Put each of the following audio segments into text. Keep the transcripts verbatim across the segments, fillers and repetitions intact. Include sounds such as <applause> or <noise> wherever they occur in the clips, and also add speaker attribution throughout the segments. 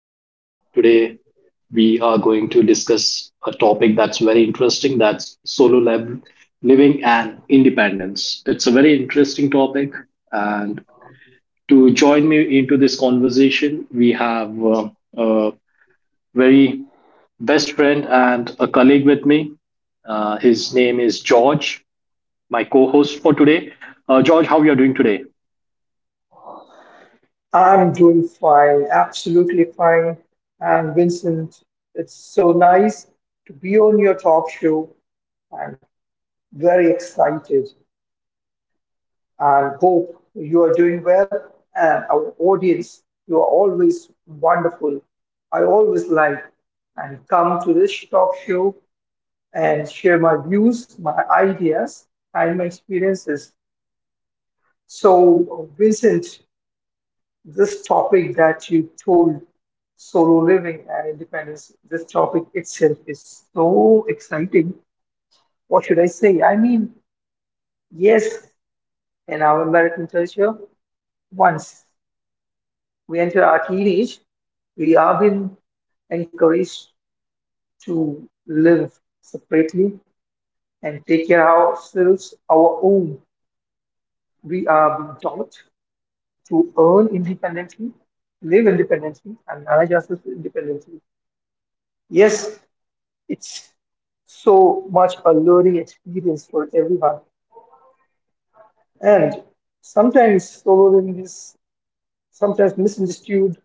Speaker 1: and today we are going to discuss a topic that's very interesting, that's solo lab living and independence. It's a very interesting topic, and to join me into this conversation, we have uh, a very best friend and a colleague with me. Uh, his name is George, my co host for today. Uh, George, how are you doing today?
Speaker 2: I'm doing fine, absolutely fine. And Vincent, it's so nice to be on your talk show. I'm very excited and hope you are doing well. And our audience, you are always wonderful. I always like and come to this talk show and share my views, my ideas, and my experiences. So, Vincent, this topic that you told, solo living and independence, this topic itself is so exciting. What should I say? I mean, yes. In our American culture, once we enter our teenage, we are being encouraged to live separately and take care of ourselves, our own. We are being taught to earn independently, live independently, and manage ourselves independently. Yes. It's so much alluring experience for everyone. And sometimes solo is sometimes misunderstood.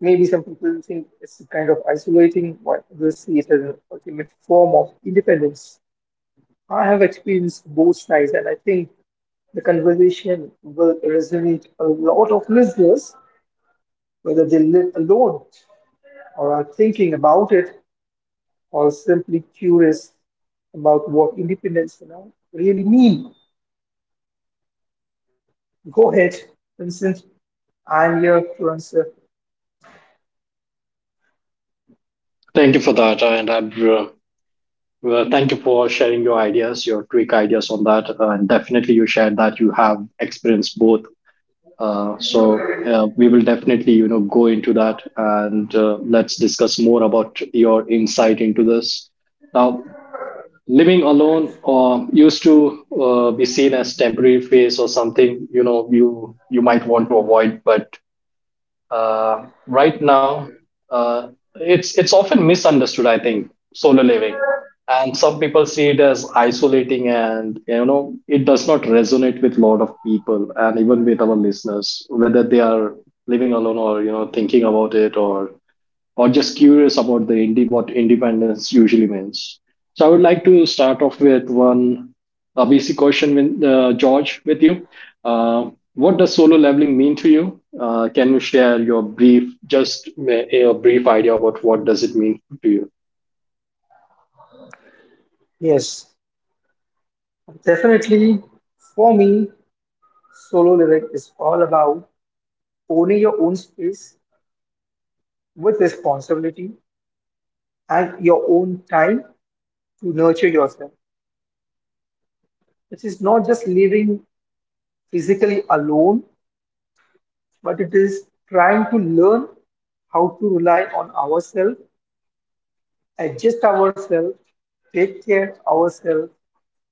Speaker 2: Maybe some people think it's kind of isolating, while others see it as an ultimate form of independence. I have experienced both sides, and I think the conversation will resonate a lot of listeners, whether they live alone or are thinking about it or simply curious about what independence you know, really means. Go ahead, Vincent. I'm your influencer.
Speaker 1: Thank you for that, uh, and I'm, uh, well, thank you for sharing your ideas, your quick ideas on that, uh, and definitely you shared that you have experienced both. Uh, so uh, we will definitely, you know, go into that, and uh, let's discuss more about your insight into this. Now, living alone uh, used to uh, be seen as temporary phase or something, you know, you you might want to avoid, but uh, right now, uh, it's it's often misunderstood. I think solo living, and some people see it as isolating, and you know it does not resonate with a lot of people, and even with our listeners, whether they are living alone or you know thinking about it or or just curious about the indi- what independence usually means. So I would like to start off with one uh, basic question, with, uh, George, with you. Uh, what does solo leveling mean to you? Uh, can you share your brief, just uh, a brief idea about what does it mean to you?
Speaker 2: Yes, definitely. For me, solo living is all about owning your own space with responsibility and your own time to nurture yourself. It is not just living physically alone, but it is trying to learn how to rely on ourselves, adjust ourselves, take care of ourselves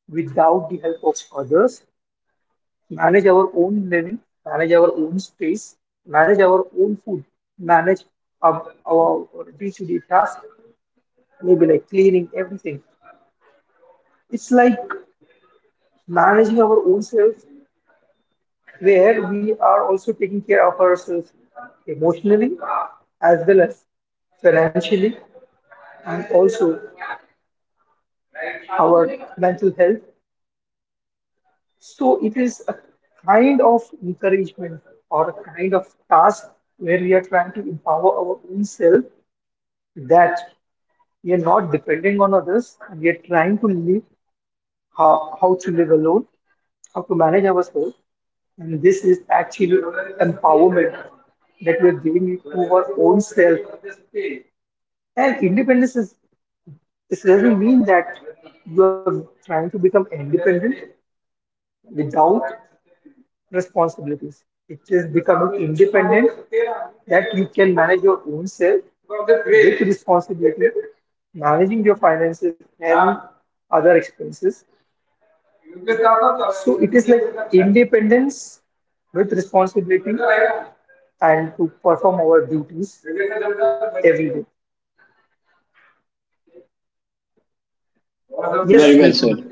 Speaker 2: without the help of others, manage our own living, manage our own space, manage our own food, manage our our day-to-day task, maybe like cleaning everything. It's like managing our own selves, where we are also taking care of ourselves emotionally as well as financially and also our mental health. So it is a kind of encouragement or a kind of task where we are trying to empower our own self, that we are not depending on others and we are trying to live, how, how to live alone, how to manage ourselves. And this is actually empowerment that we are giving it to our own self. And independence is, this doesn't mean that you are trying to become independent without responsibilities. It is becoming independent that you can manage your own self with responsibility, managing your finances and other expenses. So it is like independence with responsibility and to perform our duties every day. Yes,
Speaker 1: Very well
Speaker 2: Wilson.
Speaker 1: said.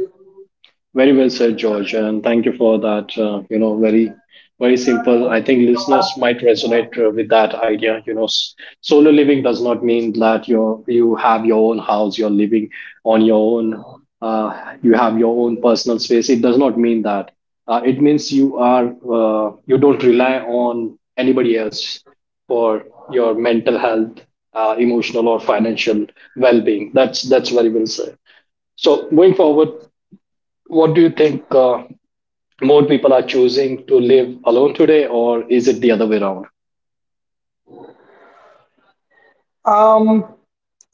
Speaker 1: Very well said, George, and thank you for that. Uh, you know, very, very simple. I think listeners might resonate uh, with that idea. You know, s- solo living does not mean that you you have your own house, you're living on your own, uh, you have your own personal space. It does not mean that. Uh, it means you are uh, you don't rely on anybody else for your mental health, uh, emotional or financial well-being. That's that's very well said. So going forward, what do you think uh, more people are choosing to live alone today, or is it the other way around?
Speaker 2: Um,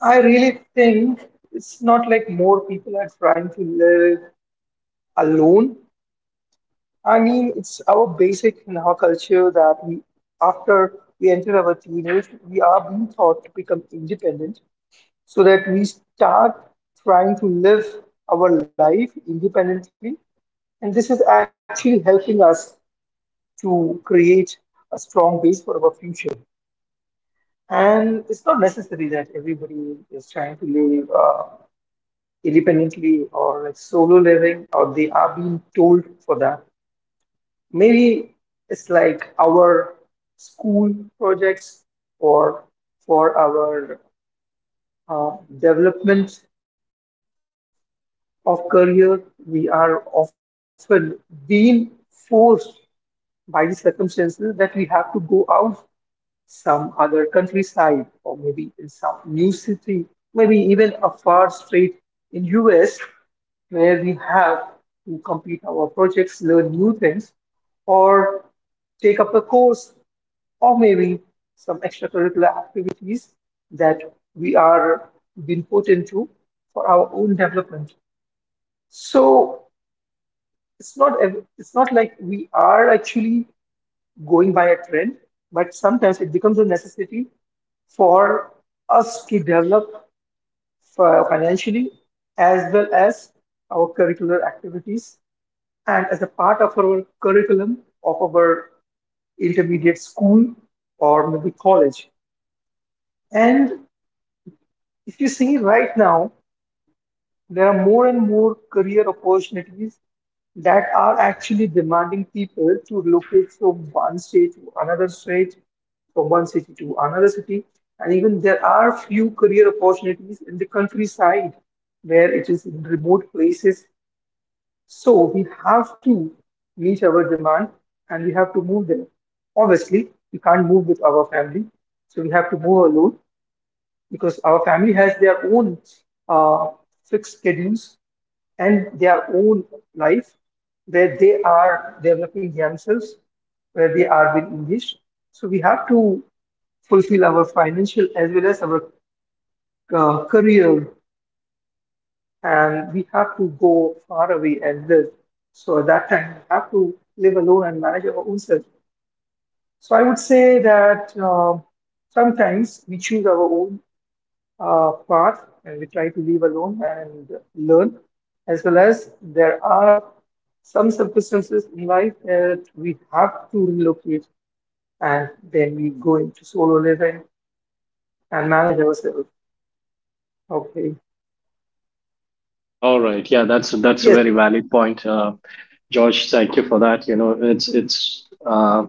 Speaker 2: I really think it's not like more people are trying to live alone. I mean, it's our basic in our culture that we, after we enter our teenage, we are being taught to become independent so that we start trying to live our life independently. And this is actually helping us to create a strong base for our future. And it's not necessary that everybody is trying to live uh, independently or like solo living, or they are being told for that. Maybe it's like our school projects or for our uh, development of career. We are often being forced by the circumstances that we have to go out some other countryside or maybe in some new city, maybe even a far state in U S where we have to complete our projects, learn new things, or take up a course or maybe some extracurricular activities that we are being put into for our own development. So it's not ev- it's not like we are actually going by a trend, but sometimes it becomes a necessity for us to develop fi- financially as well as our curricular activities and as a part of our curriculum of our intermediate school or maybe college. And if you see right now, there are more and more career opportunities that are actually demanding people to relocate from one state to another state, from one city to another city. And even there are few career opportunities in the countryside where it is in remote places. So we have to meet our demand and we have to move there. Obviously, we can't move with our family, so we have to move alone because our family has their own uh, fixed schedules and their own life where they are developing themselves, where they are being engaged. So we have to fulfill our financial as well as our uh, career, and we have to go far away and live. So at that time, we have to live alone and manage our own self. So I would say that uh, sometimes we choose our own uh, path and we try to leave alone and learn, as well as there are some circumstances in life that we have to relocate and then we go into solo living and manage ourselves. Okay.
Speaker 1: All right. Yeah, that's that's a
Speaker 2: Yes.
Speaker 1: very valid point, uh, George. Thank you for that. You know, it's it's. Uh,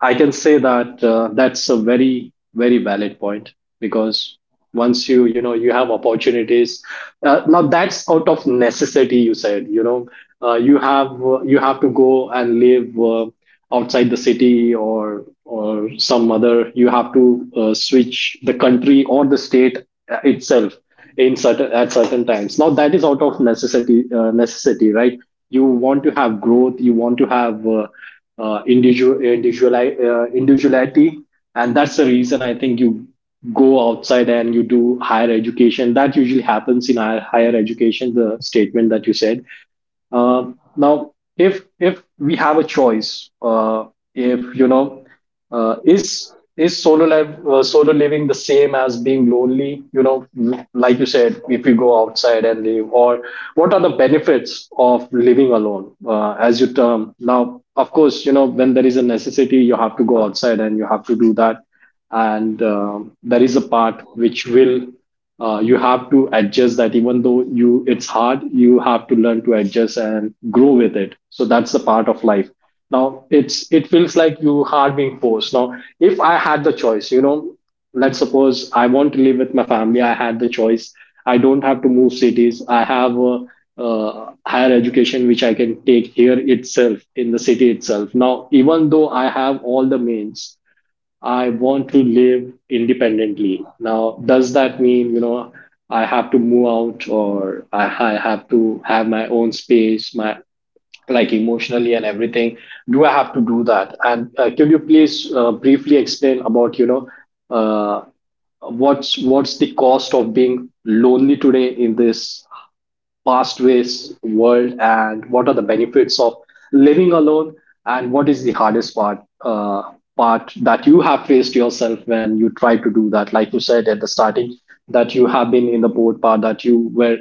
Speaker 1: I can say that uh, that's a very very valid point because once you you know you have opportunities. Uh, now that's out of necessity. You said you know uh, you have uh, you have to go and live, uh, outside the city or or some other, you have to uh, switch the country or the state uh, itself in certain at certain times. Now that is out of necessity, uh, necessity, right? You want to have growth, you want to have uh, uh, individual individual uh, individuality, and that's the reason I think you go outside and you do higher education. That usually happens in higher higher education, the statement that you said. uh, Now, if if we have a choice, uh, if you know, uh, is is solo life, uh, solo living the same as being lonely? You know, like you said, if you go outside and live, or what are the benefits of living alone, uh, as you term? Now, of course, you know when there is a necessity, you have to go outside and you have to do that, and um, there is a part which will, uh, you have to adjust that. Even though you it's hard, you have to learn to adjust and grow with it, so that's the part of life. Now it's it feels like you are being forced. Now if I had the choice, you know, let's suppose I want to live with my family, I had the choice, I don't have to move cities, I have a uh, higher education which I can take here itself in the city itself. Now even though I have all the means, I want to live independently. Now, does that mean, you know, I have to move out, or I, I have to have my own space, my, like, emotionally and everything? Do I have to do that? And uh, could you please uh, briefly explain about, you know, uh, what's what's the cost of being lonely today in this fast paced world, and what are the benefits of living alone, and what is the hardest part uh, part that you have faced yourself when you try to do that? Like you said at the starting, that you have been in the boat part, that you were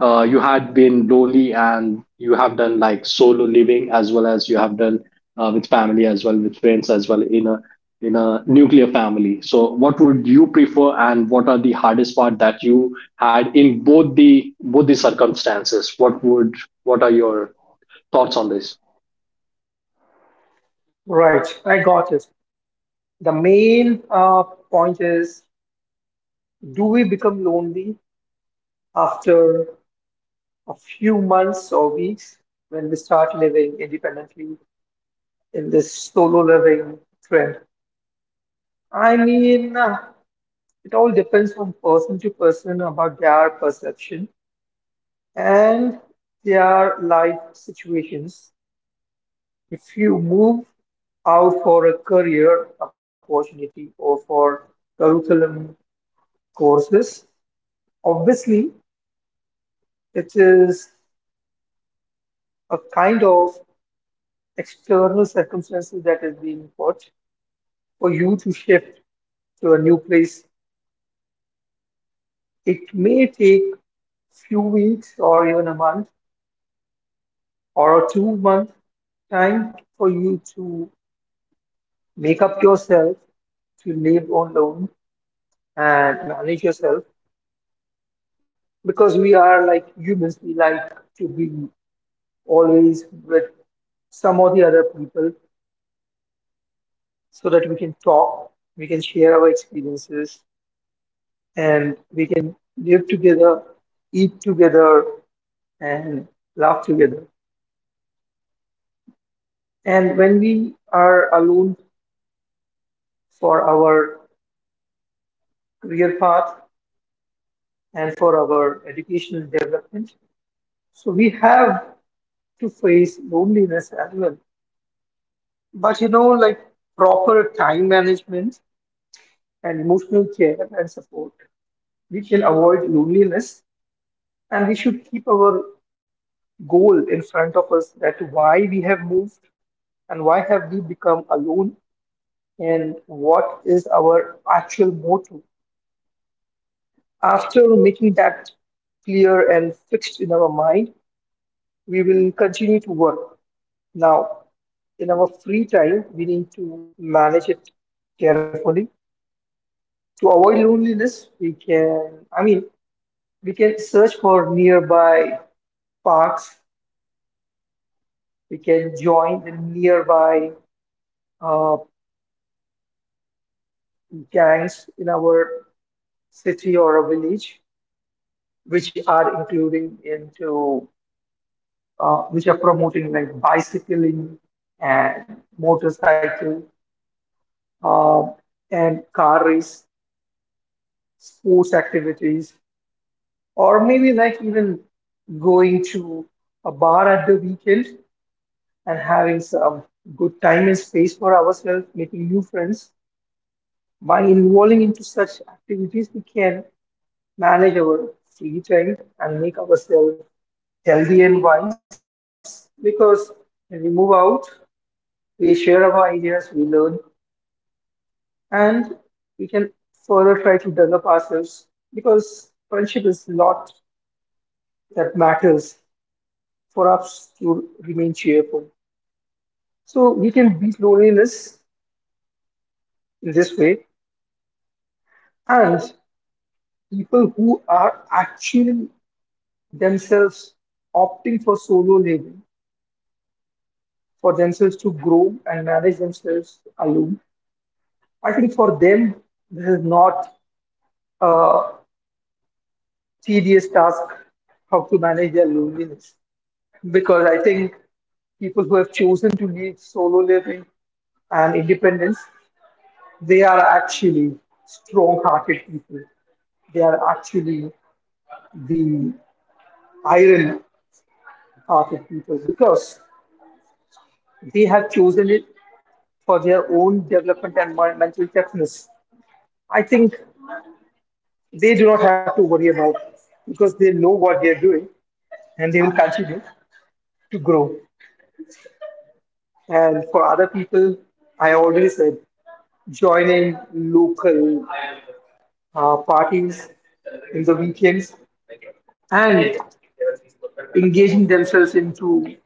Speaker 1: uh, you had been lonely, and you have done like solo living, as well as you have done uh, with family, as well with friends, as well in a in a nuclear family. So what would you prefer, and what are the hardest part that you had in both the both the circumstances? What would what are your thoughts on this?
Speaker 2: Right, I got it. The main uh, point is, do we become lonely after a few months or weeks when we start living independently in this solo living trend? I mean, uh, it all depends on person to person about their perception and their life situations. If you move out for a career opportunity or for curriculum courses, obviously it is a kind of external circumstances that is being put for you to shift to a new place. It may take few weeks or even a month or a two month time for you to make up yourself to live alone and manage yourself, because we are like humans, we like to be always with some or the other people so that we can talk, we can share our experiences, and we can live together, eat together, and laugh together. And when we are alone for our career path and for our educational development, so we have to face loneliness as well. But you know, like proper time management and emotional care and support, we can avoid loneliness, and we should keep our goal in front of us, that why we have moved and why have we become alone and what is our actual motto. After making that clear and fixed in our mind, we will continue to work. Now, in our free time, we need to manage it carefully. To avoid loneliness, we can, I mean, we can search for nearby parks, we can join the nearby uh, gangs in our city or a village, which are including into, uh, which are promoting like bicycling and motorcycle uh, and car race, sports activities, or maybe like even going to a bar at the weekend and having some good time and space for ourselves, making new friends. By involving into such activities, we can manage our free time and make ourselves healthy and wise, because when we move out, we share our ideas, we learn, and we can further try to develop ourselves because friendship is a lot that matters for us to remain cheerful. So we can beat loneliness in this way. And people who are actually themselves opting for solo living, for themselves to grow and manage themselves alone, I think for them, this is not a tedious task how to manage their loneliness. Because I think people who have chosen to live solo living and independence, they are actually strong hearted people. They are actually the iron hearted people because they have chosen it for their own development and mental toughness. I think they do not have to worry about it because they know what they're doing and they will continue to grow. And for other people, I already said, joining local uh, parties in the weekends and engaging themselves into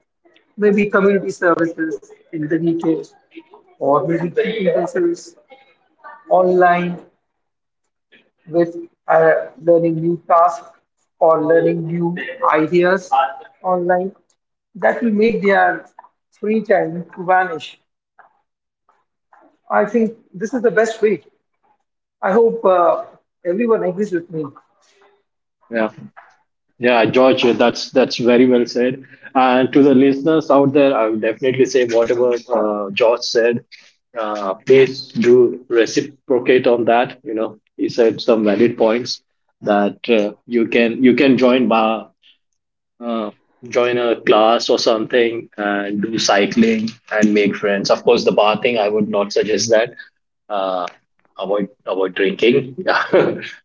Speaker 2: maybe community services in the details, or maybe keeping themselves online with uh, learning new tasks or learning new ideas online, that will make their free time to vanish. I think this is the best way. I hope uh, everyone agrees with me.
Speaker 1: Yeah. Yeah, George, that's that's very well said. And to the listeners out there, I would definitely say whatever uh, George said, uh, please do reciprocate on that. You know, he said some valid points that uh, you can you can join bar, uh, join a class or something, and do cycling and make friends. Of course, the bar thing, I would not suggest that. Uh, avoid avoid drinking, <laughs>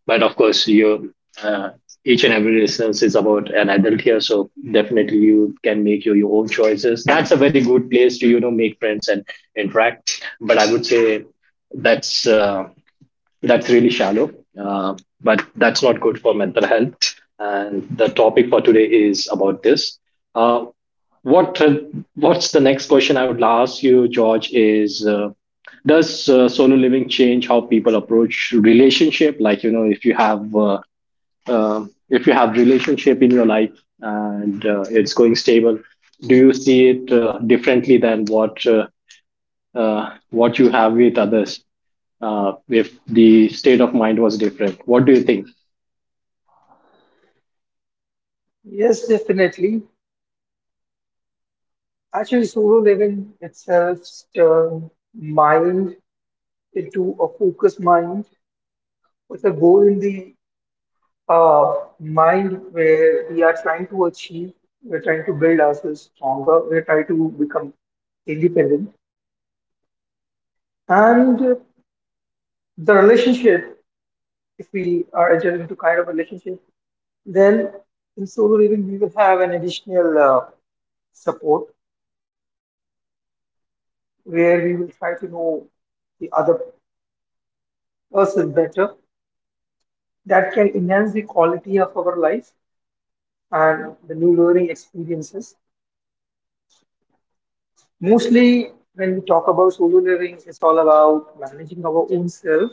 Speaker 1: but of course, you, uh, each and every instance is about an adult here, so definitely you can make your, your own choices. That's a very good place to you know make friends and interact. But I would say that's uh, that's really shallow, uh, but that's not good for mental health. And the topic for today is about this. Uh, what uh, What's the next question I would ask you, George? Is uh, does uh, solo living change how people approach relationship? Like you know, if you have uh, uh, if you have relationship in your life, and uh, it's going stable, do you see it uh, differently than what uh, uh, what you have with others uh, if the state of mind was different? What do you think?
Speaker 2: Yes, definitely. Actually, solo living itself turns mind into a focused mind with a goal in the uh, mind, where we are trying to achieve, we're trying to build ourselves stronger, we're trying to become independent. And the relationship, if we are entering into kind of relationship, then in solo living, we will have an additional uh, support where we will try to know the other person better, that can enhance the quality of our life and the new learning experiences. Mostly when we talk about solo living, it's all about managing our own self.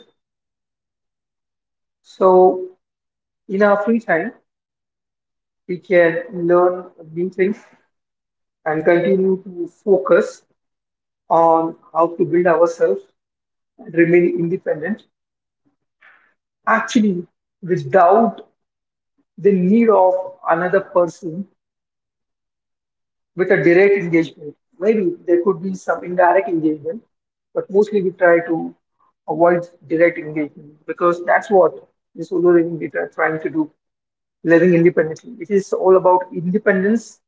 Speaker 2: So in our free time, we can learn new things and continue to focus on how to build ourselves and remain independent, actually without the need of another person with a direct engagement. Maybe there could be some indirect engagement, but mostly we try to avoid direct engagement, because that's what the solo living we are trying to do, living independently. It is all about independence.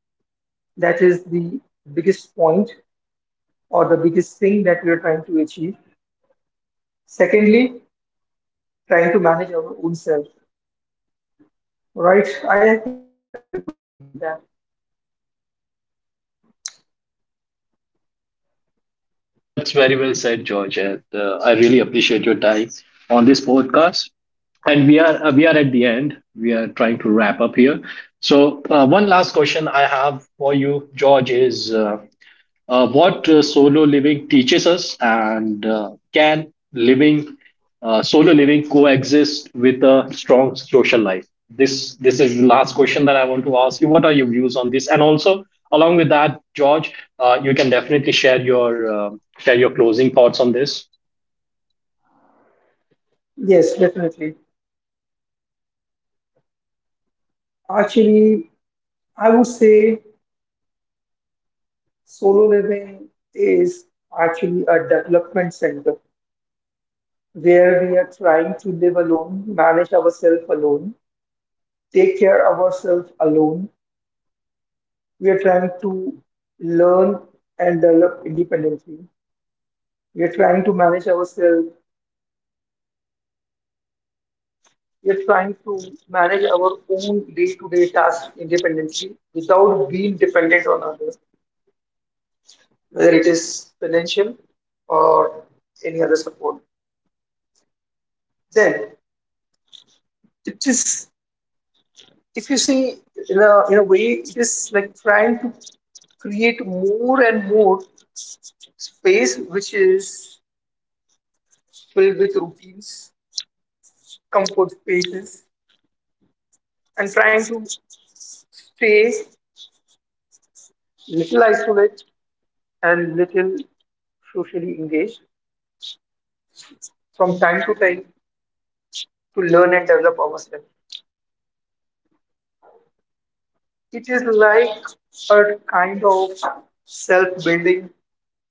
Speaker 2: That is the biggest point or the biggest thing that we are trying to achieve. Secondly, trying to manage our own self. Right? I I think uh, everybody agrees with that.
Speaker 1: That's very well said, George. And, uh, I really appreciate your time on this podcast. And we are uh, we are at the end. We are trying to wrap up here. So uh, one last question I have for you, George, is uh, uh, what uh, solo living teaches us, and uh, can living uh, solo living coexist with a strong social life? this this is the last question that I want to ask you. What are your views on this? And also along with that, George, uh, you can definitely share your uh, share your closing thoughts on this.
Speaker 2: Yes, definitely. Actually, I would say, solo living is actually a development center where we are trying to live alone, manage ourselves alone, take care of ourselves alone. We are trying to learn and develop independently. We are trying to manage ourselves. We are trying to manage our own day-to-day tasks independently without being dependent on others, whether it is financial or any other support. Then it is, if you see, in a, in a way it is like trying to create more and more space, which is filled with routines, comfort spaces, and trying to stay little isolated and little socially engaged from time to time to learn and develop ourselves. It is like a kind of self building,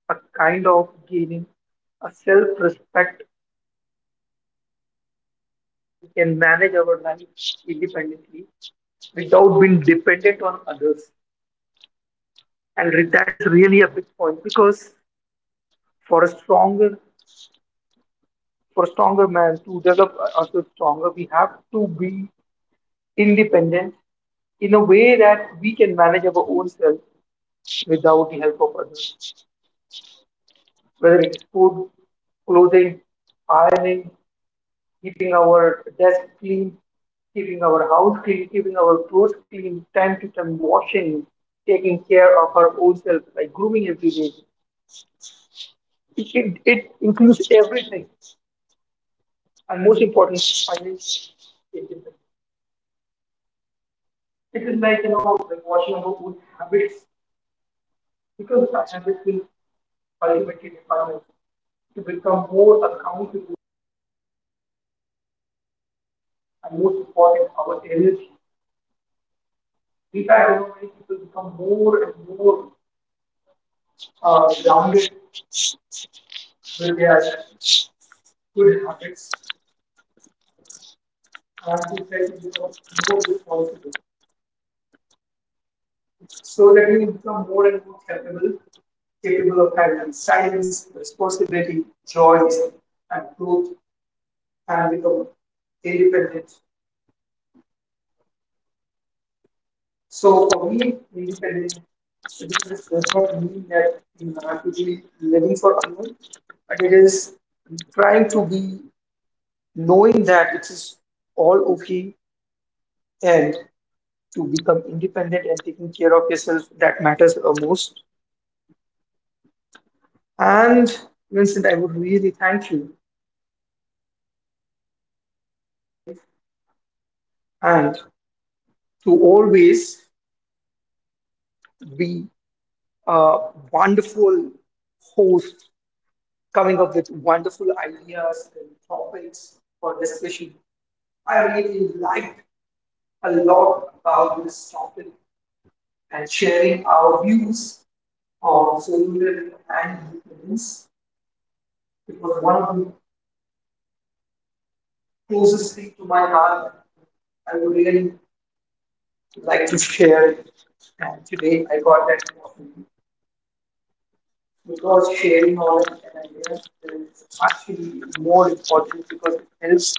Speaker 2: a kind of gaining a self respect, can manage our life independently without being dependent on others. And re- that is really a big point, because for a stronger for a stronger man to develop ourselves stronger, we have to be independent in a way that we can manage our own self without the help of others, whether it's food, clothing, ironing, keeping our desk clean, keeping our house clean, keeping our clothes clean, time to time washing, taking care of our own self, like grooming every day. It, it, it includes everything. And most important, finance. It is, it is like, you know, like washing our own habits, because our habits will ultimately define us to become more accountable, and most important, our energy. In fact, you know, many people become more and more uh, grounded, where they are good habits and to try to become more responsible, so that we become more and more capable, capable of having silence, responsibility, joy, and growth, and become independent. So for me, independent citizens does not mean that you have to be living for others, but it is trying to be, knowing that it is all okay, and to become independent and taking care of yourself that matters uh, most. And Vincent, I would really thank you, and to always be a wonderful host coming up with wonderful ideas and topics for discussion. I really liked a lot about this topic and sharing our views on solar and independence. It was one of the closest thing to my heart. I would really like to share it. And today I got that opportunity, because sharing knowledge and ideas is actually more important because it helps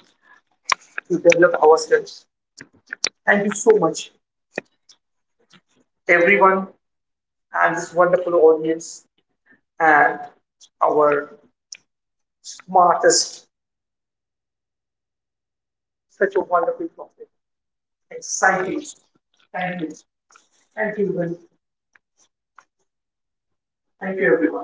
Speaker 2: to develop ourselves. Thank you so much, everyone, and this wonderful audience, and our smartest, such a wonderful topic. Exciting. Thank you. Thank you, everyone. Thank you, everyone.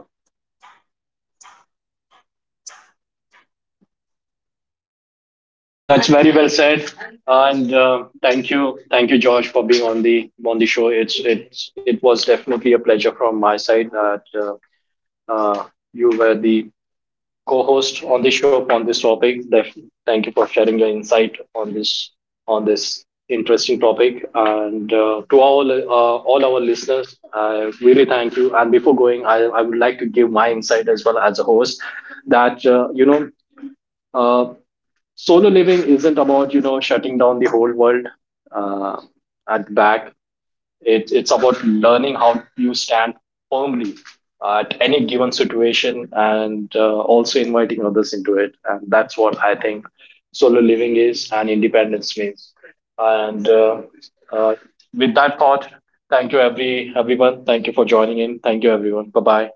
Speaker 1: That's very well said, and uh, thank you thank you, George, for being on the on the show. it's it's it was definitely a pleasure from my side that uh, uh, you were the co-host on the show on this topic. Def- Thank you for sharing your insight on this on this interesting topic. And uh, to all uh, all our listeners, I really thank you. And before going, I, I would like to give my insight as well as a host that uh, you know uh, solo living isn't about you know shutting down the whole world uh, at back. It, it's about learning how you stand firmly uh, at any given situation, and uh, also inviting others into it. And that's what I think solo living is and independence means. And uh, uh, with that thought, thank you, every everyone. Thank you for joining in. Thank you, everyone. Bye bye.